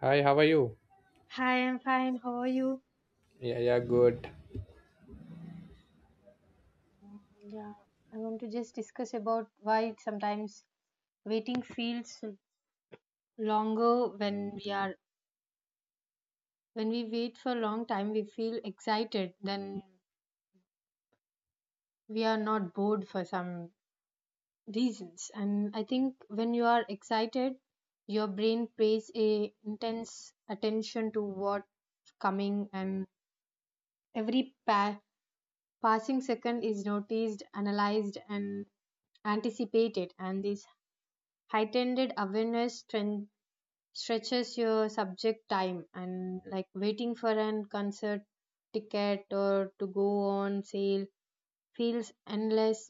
Hi, how are you? Hi, I'm fine. How are you? Yeah, yeah, good. Yeah, I want to just discuss about why sometimes waiting feels longer when we are when we wait for a long time we feel excited then we are not bored for some reasons. And I think when you are excited your brain pays a intense attention to what's coming, and every pa- passing second is noticed, analyzed and anticipated. And this heightened awareness strength stretches your subject time, and like waiting for an concert ticket or to go on sale feels endless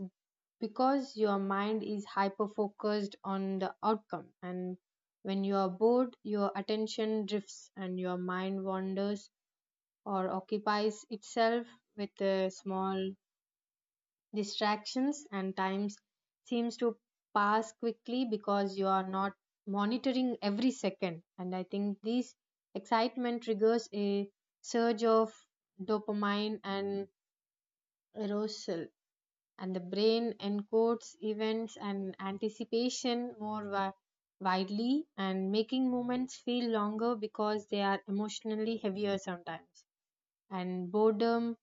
because your mind is hyper focused on the outcome. And when you are bored your attention drifts and your mind wanders or occupies itself with a small distractions, and times seems to pass quickly because you are not monitoring every second. And I think this excitement triggers a surge of dopamine and arousal, and the brain encodes events and anticipation widely, and making moments feel longer because they are emotionally heavier sometimes. And boredom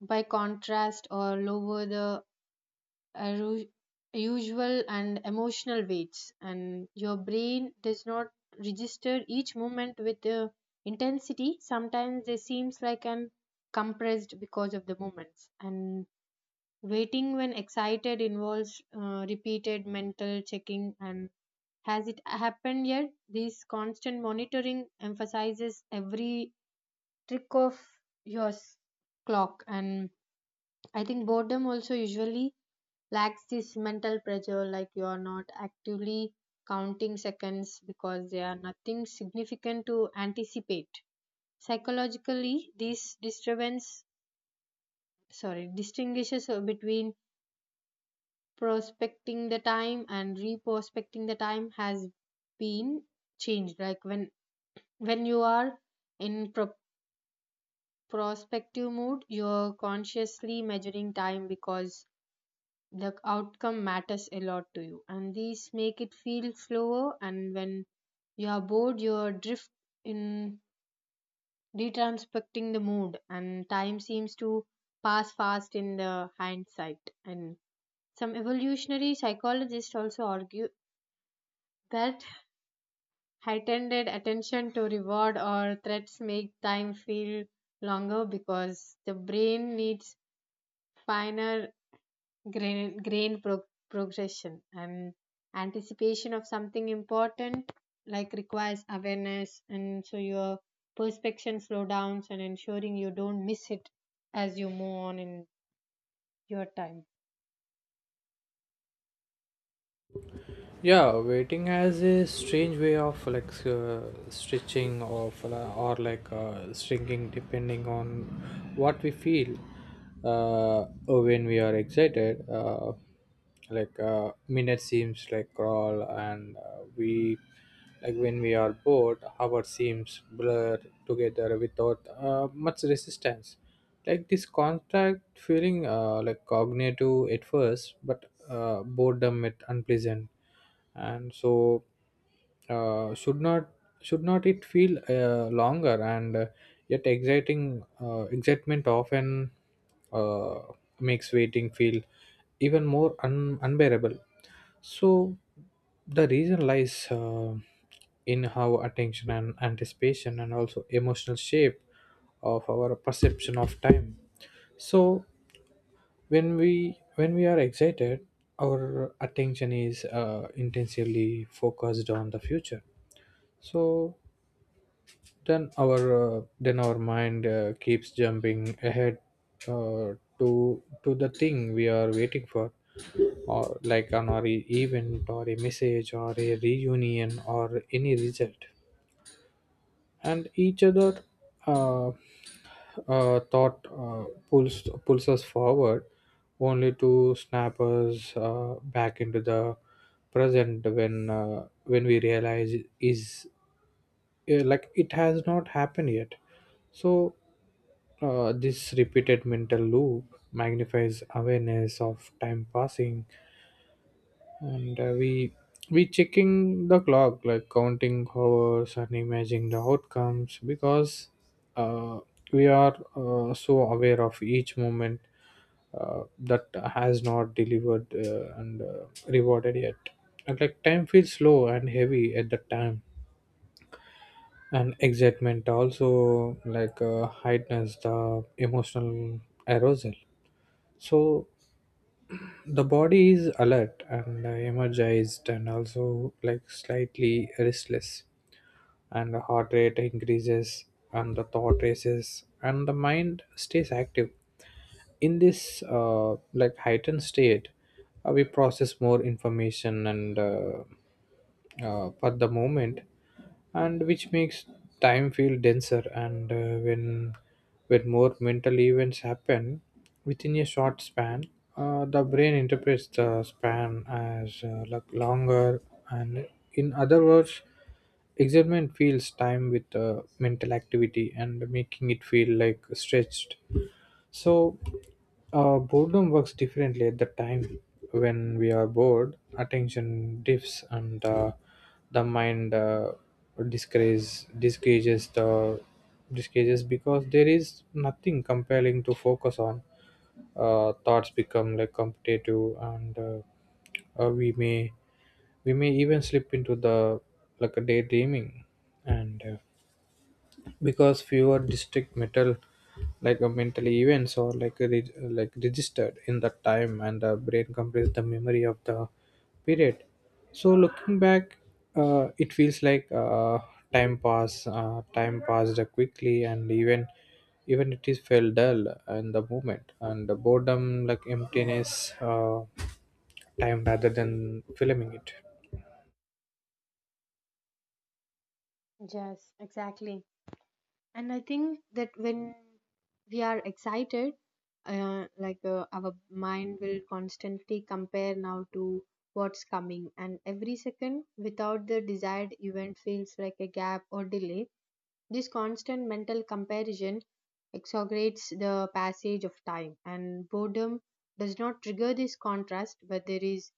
by contrast or lower the a ru- usual and emotional weights, and your brain does not register each moment with intensity. Sometimes they seems like an compressed because of the moments. And waiting when excited involves repeated mental checking and has it happened yet. This constant monitoring emphasizes every trick of yours clock. And I think boredom also usually lacks this mental pressure, like you are not actively counting seconds because there are nothing significant to anticipate. Psychologically this disturbance, sorry, distinguishes between prospecting the time and reprospecting the time has been changed. Like when you are in prospective mood, you're consciously measuring time because the outcome matters a lot to you, and these make it feel slower. And when you are bored you are drift in retrospecting the mood, and time seems to pass fast in the hindsight. And some evolutionary psychologists also argue that heightened attention to reward or threats make time feel longer because the brain needs finer grain, grain pro- progression, and anticipation of something important like requires awareness, and so your perspection slow downs and ensuring you don't miss it as you move on in your time. Yeah, waiting has a strange way of like stretching of or like shrinking depending on what we feel when we are excited. Like minutes seems like crawl, and we like when we are bored, hour seems blur together without much resistance. Like this contract feeling like cognitive at first, but boredom at unpleasant. And so uh, should not should not it feel longer? And yet exciting excitement often uh, makes waiting feel even more unbearable. So the reason lies in how attention and anticipation and also emotional shape of our perception of time. So when we are excited, our attention is intensively focused on the future. So then our mind keeps jumping ahead, uh, to the thing we are waiting for, or like an or event, or a message, or a reunion, or any result. And each other uh, thought pulls us forward only to snap us back into the present when we realize is like it has not happened yet. So this repeated mental loop magnifies awareness of time passing. And we checking the clock, like counting hours and imagining the outcomes because uh, we are so aware of each moment that has not delivered and rewarded yet, and like time feels slow and heavy at that time. And excitement also like heightens the emotional arousal. So the body is alert and energized and also like slightly restless, and the heart rate increases, and the thought races, and the mind stays active. In this like heightened state we process more information, and at the moment, and which makes time feel denser. And when more mental events happen within a short span, the brain interprets the span as like longer. And in other words, excitement fills time with mental activity and making it feel like stretched. So boredom works differently at the time. When we are bored, attention dips and the mind disgrace, disgages the disgages because there is nothing compelling to focus on. Thoughts become like competitive, and uh, we may we may even slip into the like a daydreaming. And because fewer district metal like mental events or like like registered in that time, and the brain compresses the memory of the period. So looking back, it feels like time passed quickly, and even even it is felt dull in the moment, and the boredom like emptiness time rather than filming it. Yes, exactly. And I think that when we are excited, our mind will constantly compare now to what's coming, and every second without the desired event feels like a gap or delay. This constant mental comparison exaggerates the passage of time, and boredom does not trigger this contrast, but there is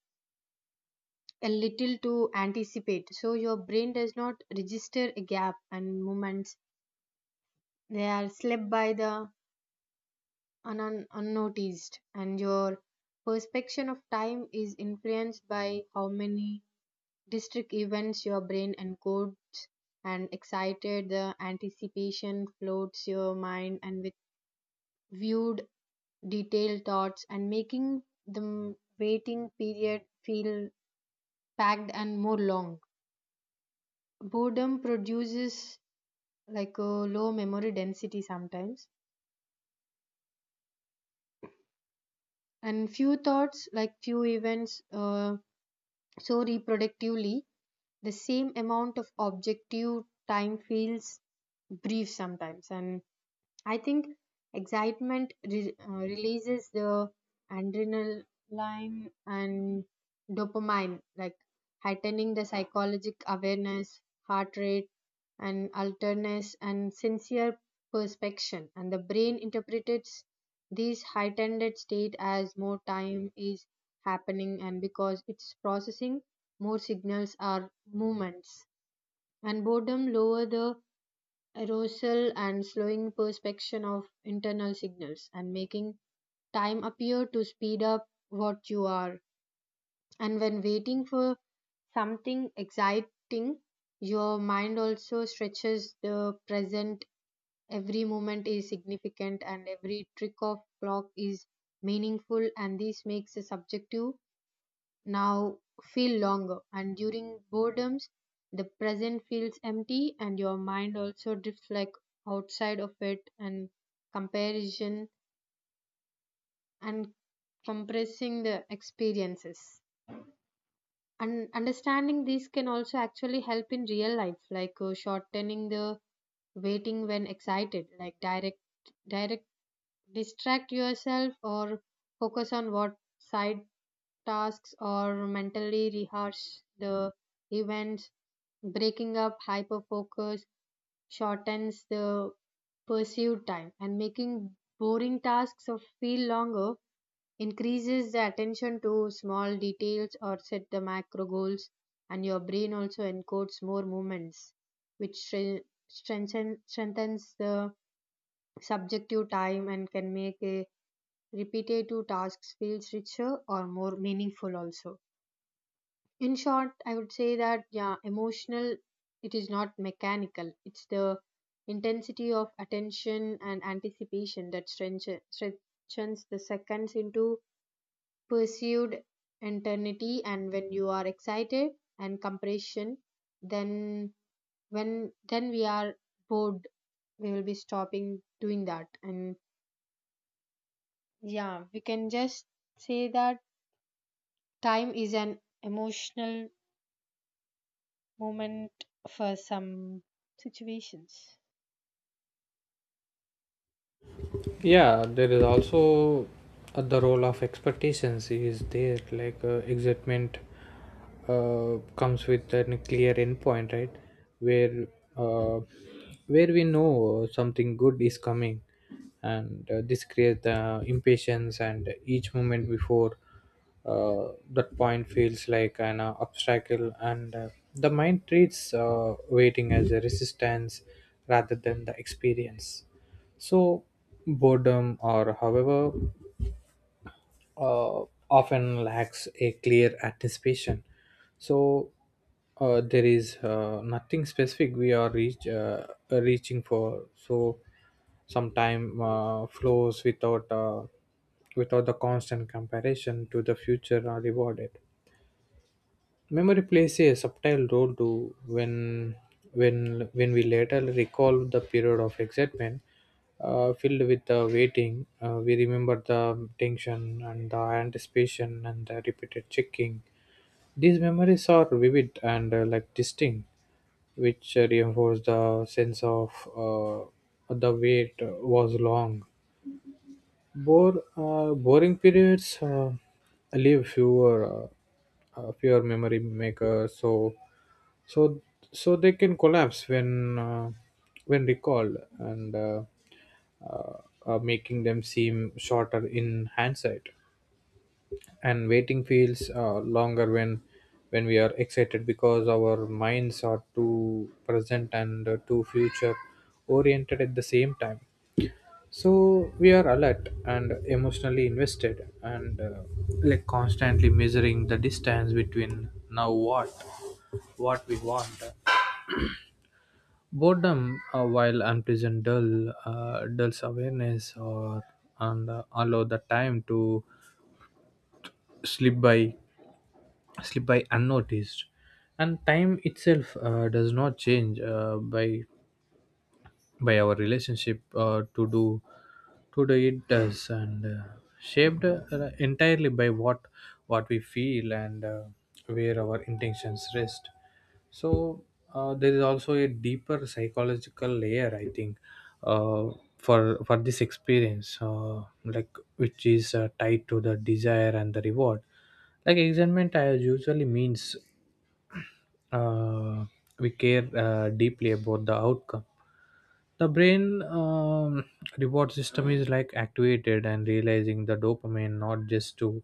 a little to anticipate. So your brain does not register a gap and moments. They are slept by the unnoticed, and your perception of time is influenced by how many distinct events your brain encodes. And excited the anticipation floats your mind and with viewed detailed thoughts, and making the waiting period feel packed and more long. Boredom produces like a low memory density sometimes, and few thoughts, like few events, so reproductively, the same amount of objective time feels brief sometimes. And I think excitement releases the adrenaline and dopamine, like heightening the psychologic awareness, heart rate, and alertness and sincere perspection. And the brain interprets these heightened state as more time is happening, and because it's processing more signals or movements. And boredom lower the arousal and slowing perception of internal signals and making time appear to speed up what you are. And when waiting for something exciting your mind also stretches the present. Every moment is significant and every trick of clock is meaningful, and this makes a subjective now feel longer. And during boredoms the present feels empty and your mind also drifts like outside of it, and comparison and compressing the experiences. And understanding this can also actually help in real life, like shortening the waiting when excited, like direct direct distract yourself or focus on what side tasks or mentally rehearse the events. Breaking up hyper focus shortens the pursuit time, and making boring tasks of feel longer increases the attention to small details or set the macro goals. And your brain also encodes more movements, which strengthens the subjective time and can make a repetitive tasks feels richer or more meaningful also. In short I would say that yeah, emotional, it is not mechanical. It's the intensity of attention and anticipation that strengthens the seconds into pursued eternity. And when you are excited and compression, then when then we are bored we will be stopping doing that. And yeah, we can just say that time is an emotional moment for some situations. Yeah, there is also the role of expectations is there, like excitement comes with a clear endpoint, right? Where uh, where we know something good is coming, and this creates the impatience, and each moment before that point feels like an obstacle, and the mind treats waiting as a resistance rather than the experience. So boredom, or however, uh, often lacks a clear anticipation. So there is nothing specific we are reaching for. So sometime flows without without the constant comparison to the future are rewarded. Memory plays a subtle role too when when we later recall the period of excitement filled with the waiting, we remember the tension and the anticipation and the repeated checking. These memories are vivid and like distinct, which reinforce the sense of uh, the wait was long. Boring periods leave fewer memory makers, so so so they can collapse when recalled, and making them seem shorter in hindsight. And waiting feels longer when we are excited because our minds are too present and too future oriented at the same time. So we are alert and emotionally invested and like constantly measuring the distance between now what we want. Boredom, while unpleasant, dulls awareness or and allow the time to slip by slip by unnoticed. And time itself does not change by our relationship to do it does, and shaped entirely by what we feel and where our intentions rest. So there is also a deeper psychological layer, I think, uh, for this experience, like which is tied to the desire and the reward. Like excitement usually means uh, we care deeply about the outcome. The brain reward system is like activated and realizing the dopamine, not just to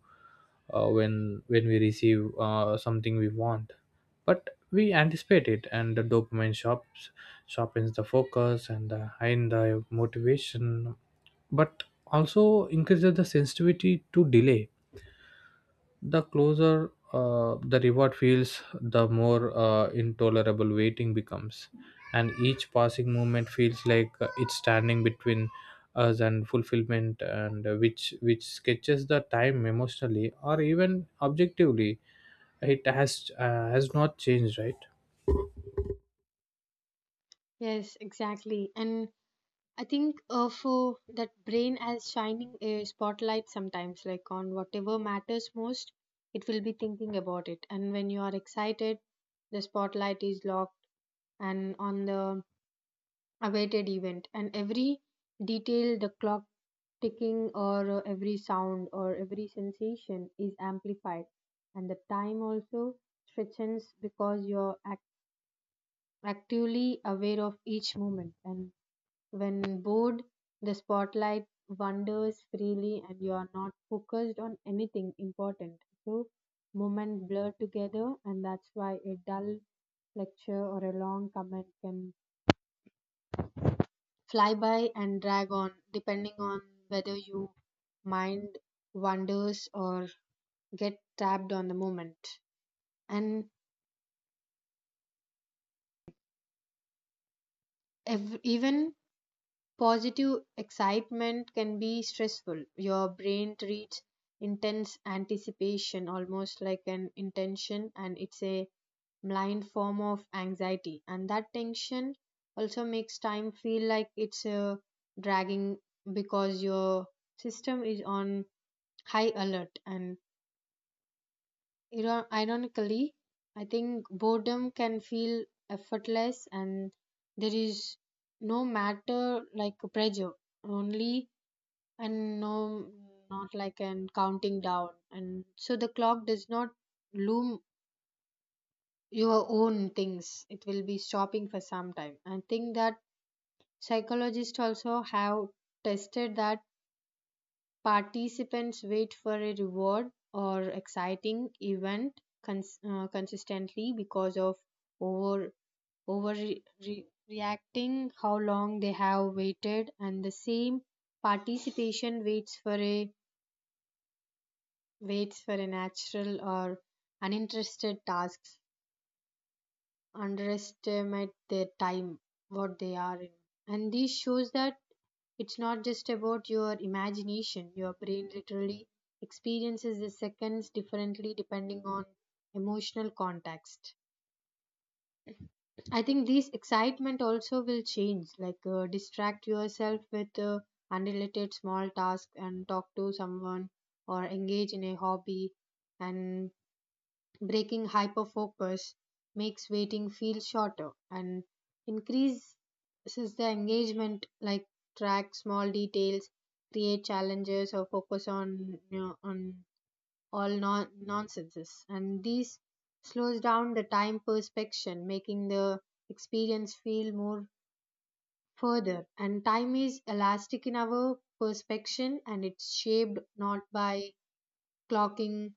when we receive something we want, but we anticipate it. And the dopamine shops sharpens the focus and the motivation, but also increases the sensitivity to delay. The closer the reward feels, the more intolerable waiting becomes, and each passing moment feels like it's standing between us and fulfillment, and which sketches the time emotionally or even objectively. It has not changed, right? Yes, exactly. And I think for that brain as shining a spotlight sometimes, like on whatever matters most, it will be thinking about it. And when you are excited, the spotlight is locked and on the awaited event, and every detail the clock ticking or every sound or every sensation is amplified, and the time also stretches because you're actively aware of each moment. And when bored the spotlight wanders freely and you are not focused on anything important, so moments blur together, and that's why a dull lecture or a long comment can fly by and drag on, depending on whether you mind wanders or get trapped on the moment. And even positive excitement can be stressful. Your brain treats intense anticipation almost like an intention, and it's a blind form of anxiety. And that tension also makes time feel like it's a dragging because your system is on high alert. And ironically, I think boredom can feel effortless, and there is no matter like pressure, only and no, not like an counting down. And so the clock does not loom your own things, it will be stopping for some time. I think that psychologists also have tested that participants wait for a reward or exciting event consistently because of over over reacting how long they have waited, and the same participation waits for a natural or uninterested tasks underestimate their time what they are in. And this shows that it's not just about your imagination. Your brain literally experiences the seconds differently depending on emotional context. I think this excitement also will change, like distract yourself with unrelated small tasks and talk to someone or engage in a hobby. And breaking hyperfocus makes waiting feel shorter and increases the engagement, like track small details, create challenges or focus on, you know, on all nonsenses, and these slows down the time perspection, making the experience feel more further. And time is elastic in our perspection, and it's shaped not by clocking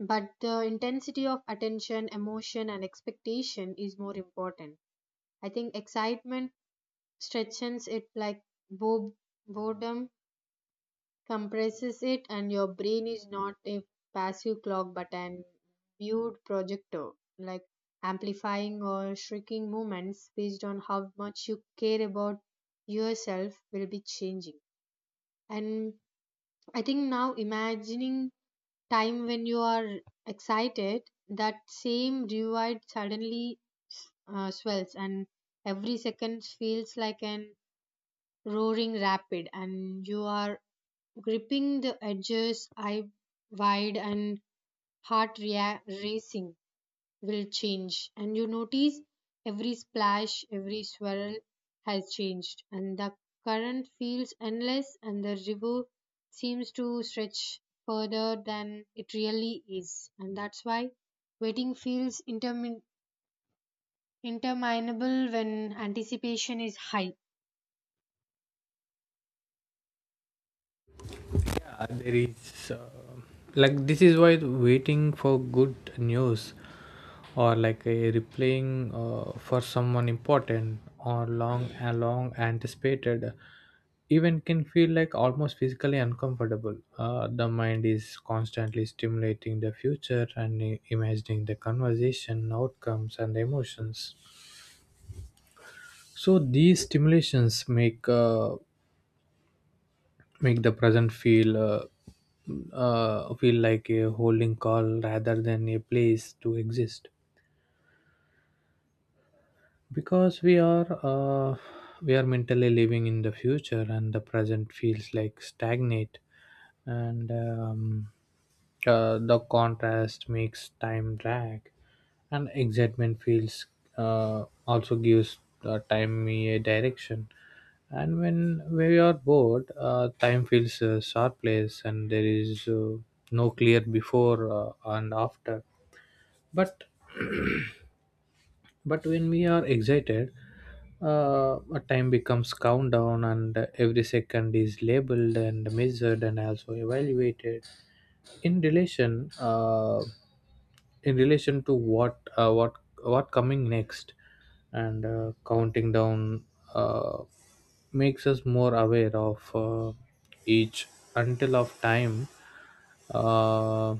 but the intensity of attention, emotion and expectation is more important. I think excitement stretches it, like bo- boredom compresses it, and your brain is not a passive clock but an viewed projector, like amplifying or shrinking movements based on how much you care about yourself will be changing. And I think now imagining time when you are excited, that same divide suddenly swells, and every second feels like an roaring rapid, and you are gripping the edges, eye wide, and racing will change, and you notice every splash, every swirl has changed, and the current feels endless, and the river seems to stretch further than it really is. And that's why waiting feels interminable when anticipation is high. There is like this is why waiting for good news or like a replaying for someone important, or long a long anticipated event can feel like almost physically uncomfortable. Uh, the mind is constantly stimulating the future and imagining the conversation outcomes and emotions. So these stimulations make the present feel feel like a holding call rather than a place to exist, because we are mentally living in the future, and the present feels like stagnate. And the contrast makes time drag, and excitement feels also gives time a direction. And when we are bored, time feels a sharp place, and there is no clear before and after. But but when we are excited, a time becomes countdown, and every second is labeled and measured and also evaluated in relation uh, in relation to what what coming next. And counting down uh, makes us more aware of each until of time. Uh,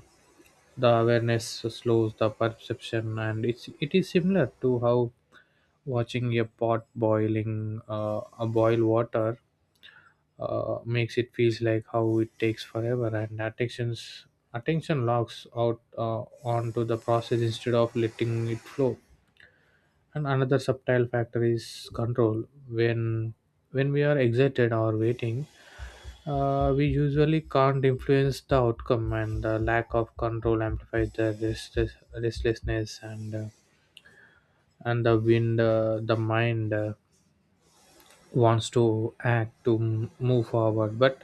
the awareness slows the perception, and it is similar to how watching a pot boiling, a boil water, makes it feels like how it takes forever. And attention locks out onto the process instead of letting it flow. And another subtle factor is control. When we are excited or waiting, we usually can't influence the outcome, and the lack of control amplifies restlessness and the wind. The mind wants to act to move forward,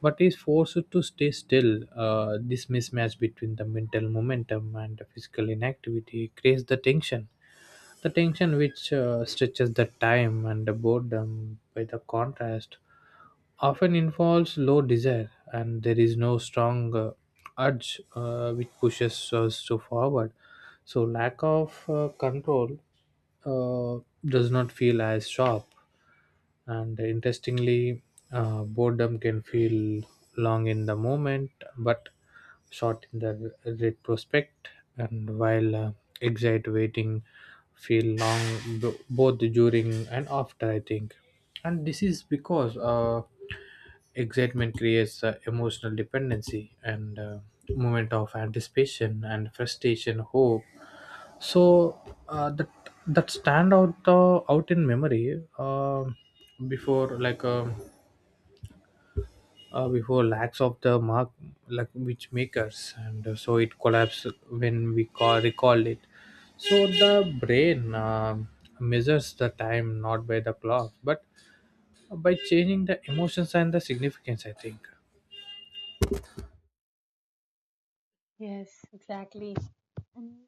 but is forced to stay still. This mismatch between the mental momentum and the physical inactivity creates the tension. The tension which stretches the time. And the boredom by the contrast often involves low desire, and there is no strong urge which pushes us to forward. So lack of control does not feel as sharp. And interestingly, boredom can feel long in the moment but short in the retrospect. And while exit waiting feel long both during and after, I think. And this is because excitement creates emotional dependency and moment of anticipation and frustration hope. So that that stand out out in memory. Before before lacks of the mark, like which makers, and so it collapsed when we call recall it. So the brain measures the time not by the clock but by changing the emotions and the significance, I think. Yes, exactly. And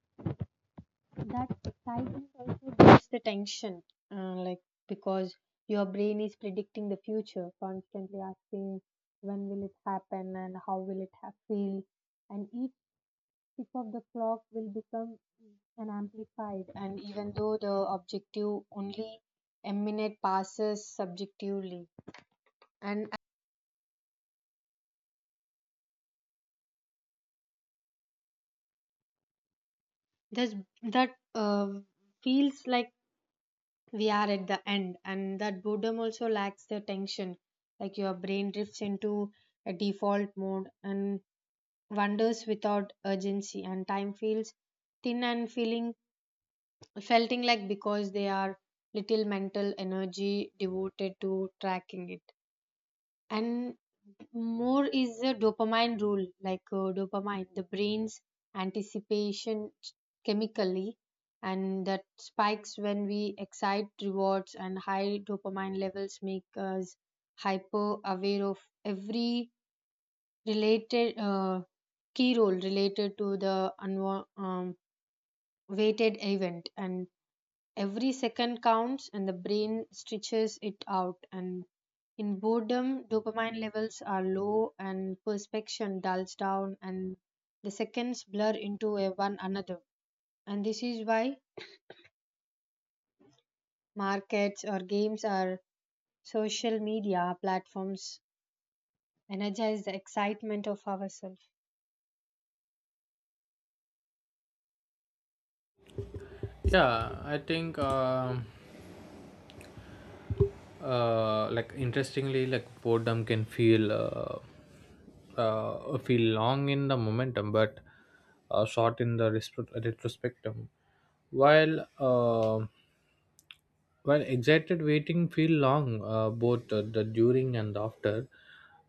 that excitement also builds the tension, uh, like because your brain is predicting the future, constantly asking when will it happen and how will it feel, and each tick of the clock will become an amplified, and even though the objective only a minute passes subjectively, and thus that feels like we are at the end. And that boredom also lacks the tension, like your brain drifts into a default mode and wanders without urgency, and time feels thin and feeling felting like because they are little mental energy devoted to tracking it. And more is the dopamine rule, like dopamine, the brain's anticipation chemically, and that spikes when we excite rewards, and high dopamine levels make us hyper aware of every related key role related to the weighted event. And every second counts, and the brain stretches it out. And in boredom, dopamine levels are low, and perception dulls down, and the seconds blur into a one another. And this is why markets or games or social media platforms energize the excitement of ourselves. Yeah, I think like interestingly like boredom can feel feel long in the momentum but short in the retrospectum, while uh, while excited waiting feel long both the during and after.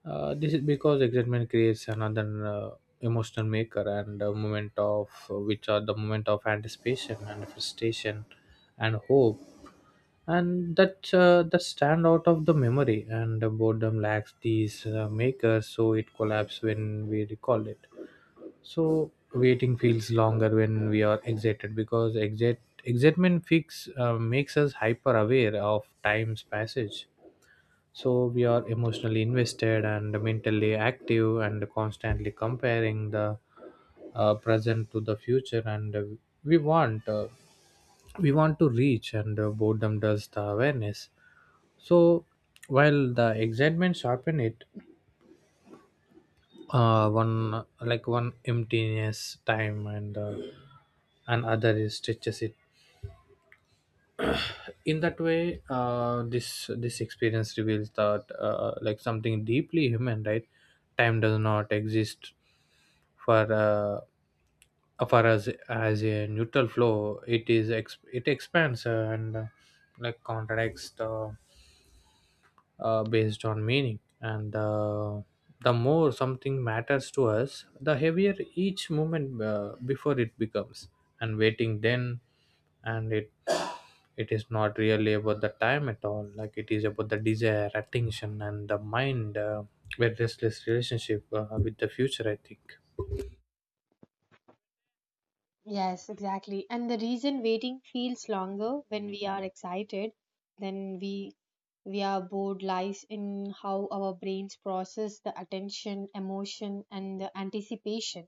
This is because excitement creates another emotional maker and a moment of which are the moment of anticipation and frustration and hope. And that that stand out of the memory, and the boredom lacks these makers, so it collapses when we recall it. So waiting feels longer when we are excited because exit excitement fix makes us hyper aware of time's passage. So we are emotionally invested and mentally active and constantly comparing the present to the future, and we want uh, we want to reach. And boredom does the awareness. So while the excitement sharpen it, one emptiness time and other is stretches it. In that way, this experience reveals that like something deeply human, right? Time does not exist for uh, for us as a neutral flow. It is it expands and like contracts the based on meaning. And the more something matters to us, the heavier each moment before it becomes. And waiting then, and it is not really about the time at all. Like it is about the desire, attention, and the mind. Very restless relationship with the future, I think. Yes, exactly. And the reason waiting feels longer when we are excited than we are bored lies in how our brains process the attention, emotion, and the anticipation.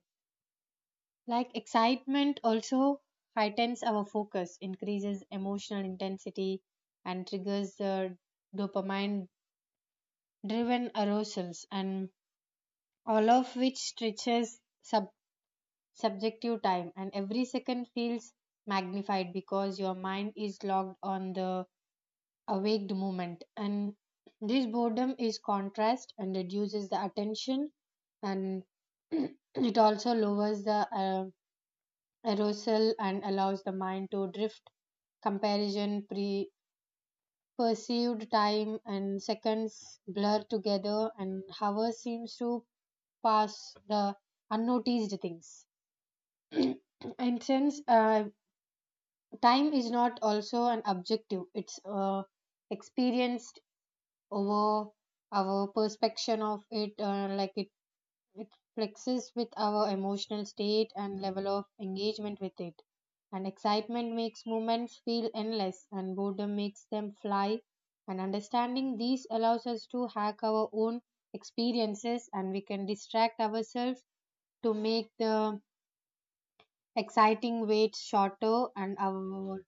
Like excitement also heightens our focus, increases emotional intensity, and triggers the dopamine driven arousals, and all of which stretches subjective time, and every second feels magnified because your mind is locked on the awaked moment. And this boredom is contrast and reduces the attention, and it also lowers the arousal and allows the mind to drift comparison pre perceived time, and seconds blur together and hours seems to pass the unnoticed things. And since time is not also an objective, it's experienced over our perception of it, like it flexes with our emotional state and level of engagement with it. And excitement makes moments feel endless and boredom makes them fly. And understanding these allows us to hack our own experiences, and we can distract ourselves to make the exciting wait shorter and our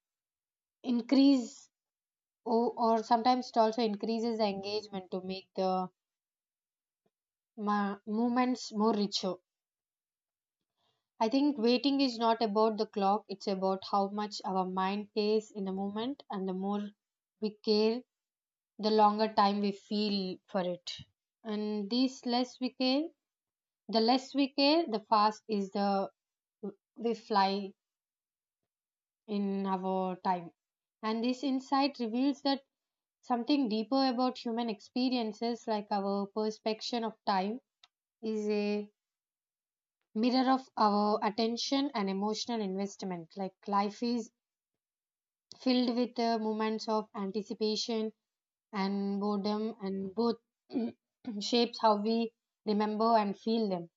increase. Oh, or sometimes it also increases the engagement to make the movements more richer. I think waiting is not about the clock, it's about how much our mind pays in the moment, and the more we care, the longer time we feel for it. And this less we care, the fast is the we fly in our time. And this insight reveals that something deeper about human experiences, like our perception of time is a mirror of our attention and emotional investment. Like life is filled with moments of anticipation and boredom, and both shapes how we remember and feel them.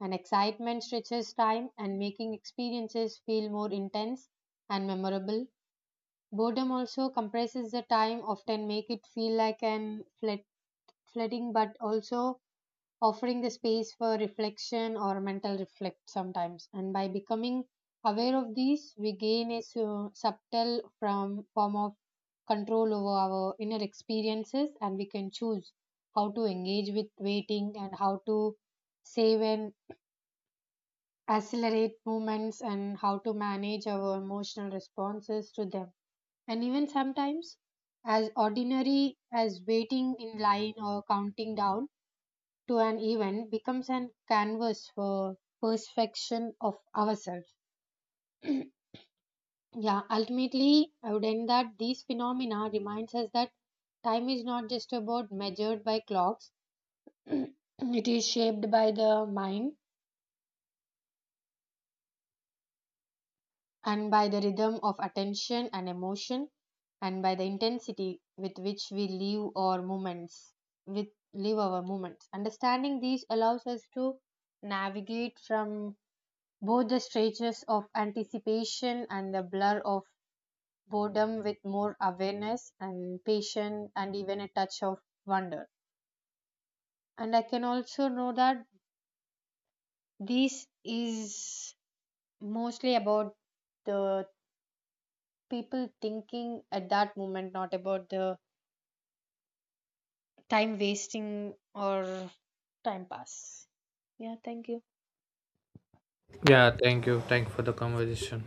And excitement stretches time and making experiences feel more intense and memorable. Boredom also compresses the time, often make it feel like an flat, flooding, but also offering the space for reflection or mental reflect sometimes. And by becoming aware of these, we gain a subtle from form of control over our inner experiences, and we can choose how to engage with waiting and how to save and accelerate movements and how to manage our emotional responses to them. And even sometimes, as ordinary as waiting in line or counting down to an event becomes an canvas for perfection of ourselves. Yeah, ultimately, I would end that these phenomena reminds us that time is not just about measured by clocks. It is shaped by the mind and by the rhythm of attention and emotion and by the intensity with which we live our moments with live our moments. Understanding these allows us to navigate from both the stretches of anticipation and the blur of boredom with more awareness and patience and even a touch of wonder. And I can also know that this is mostly about the people thinking at that moment, not about the time wasting or time pass. Yeah, thank you. Yeah. Thank you. Thank you for the conversation.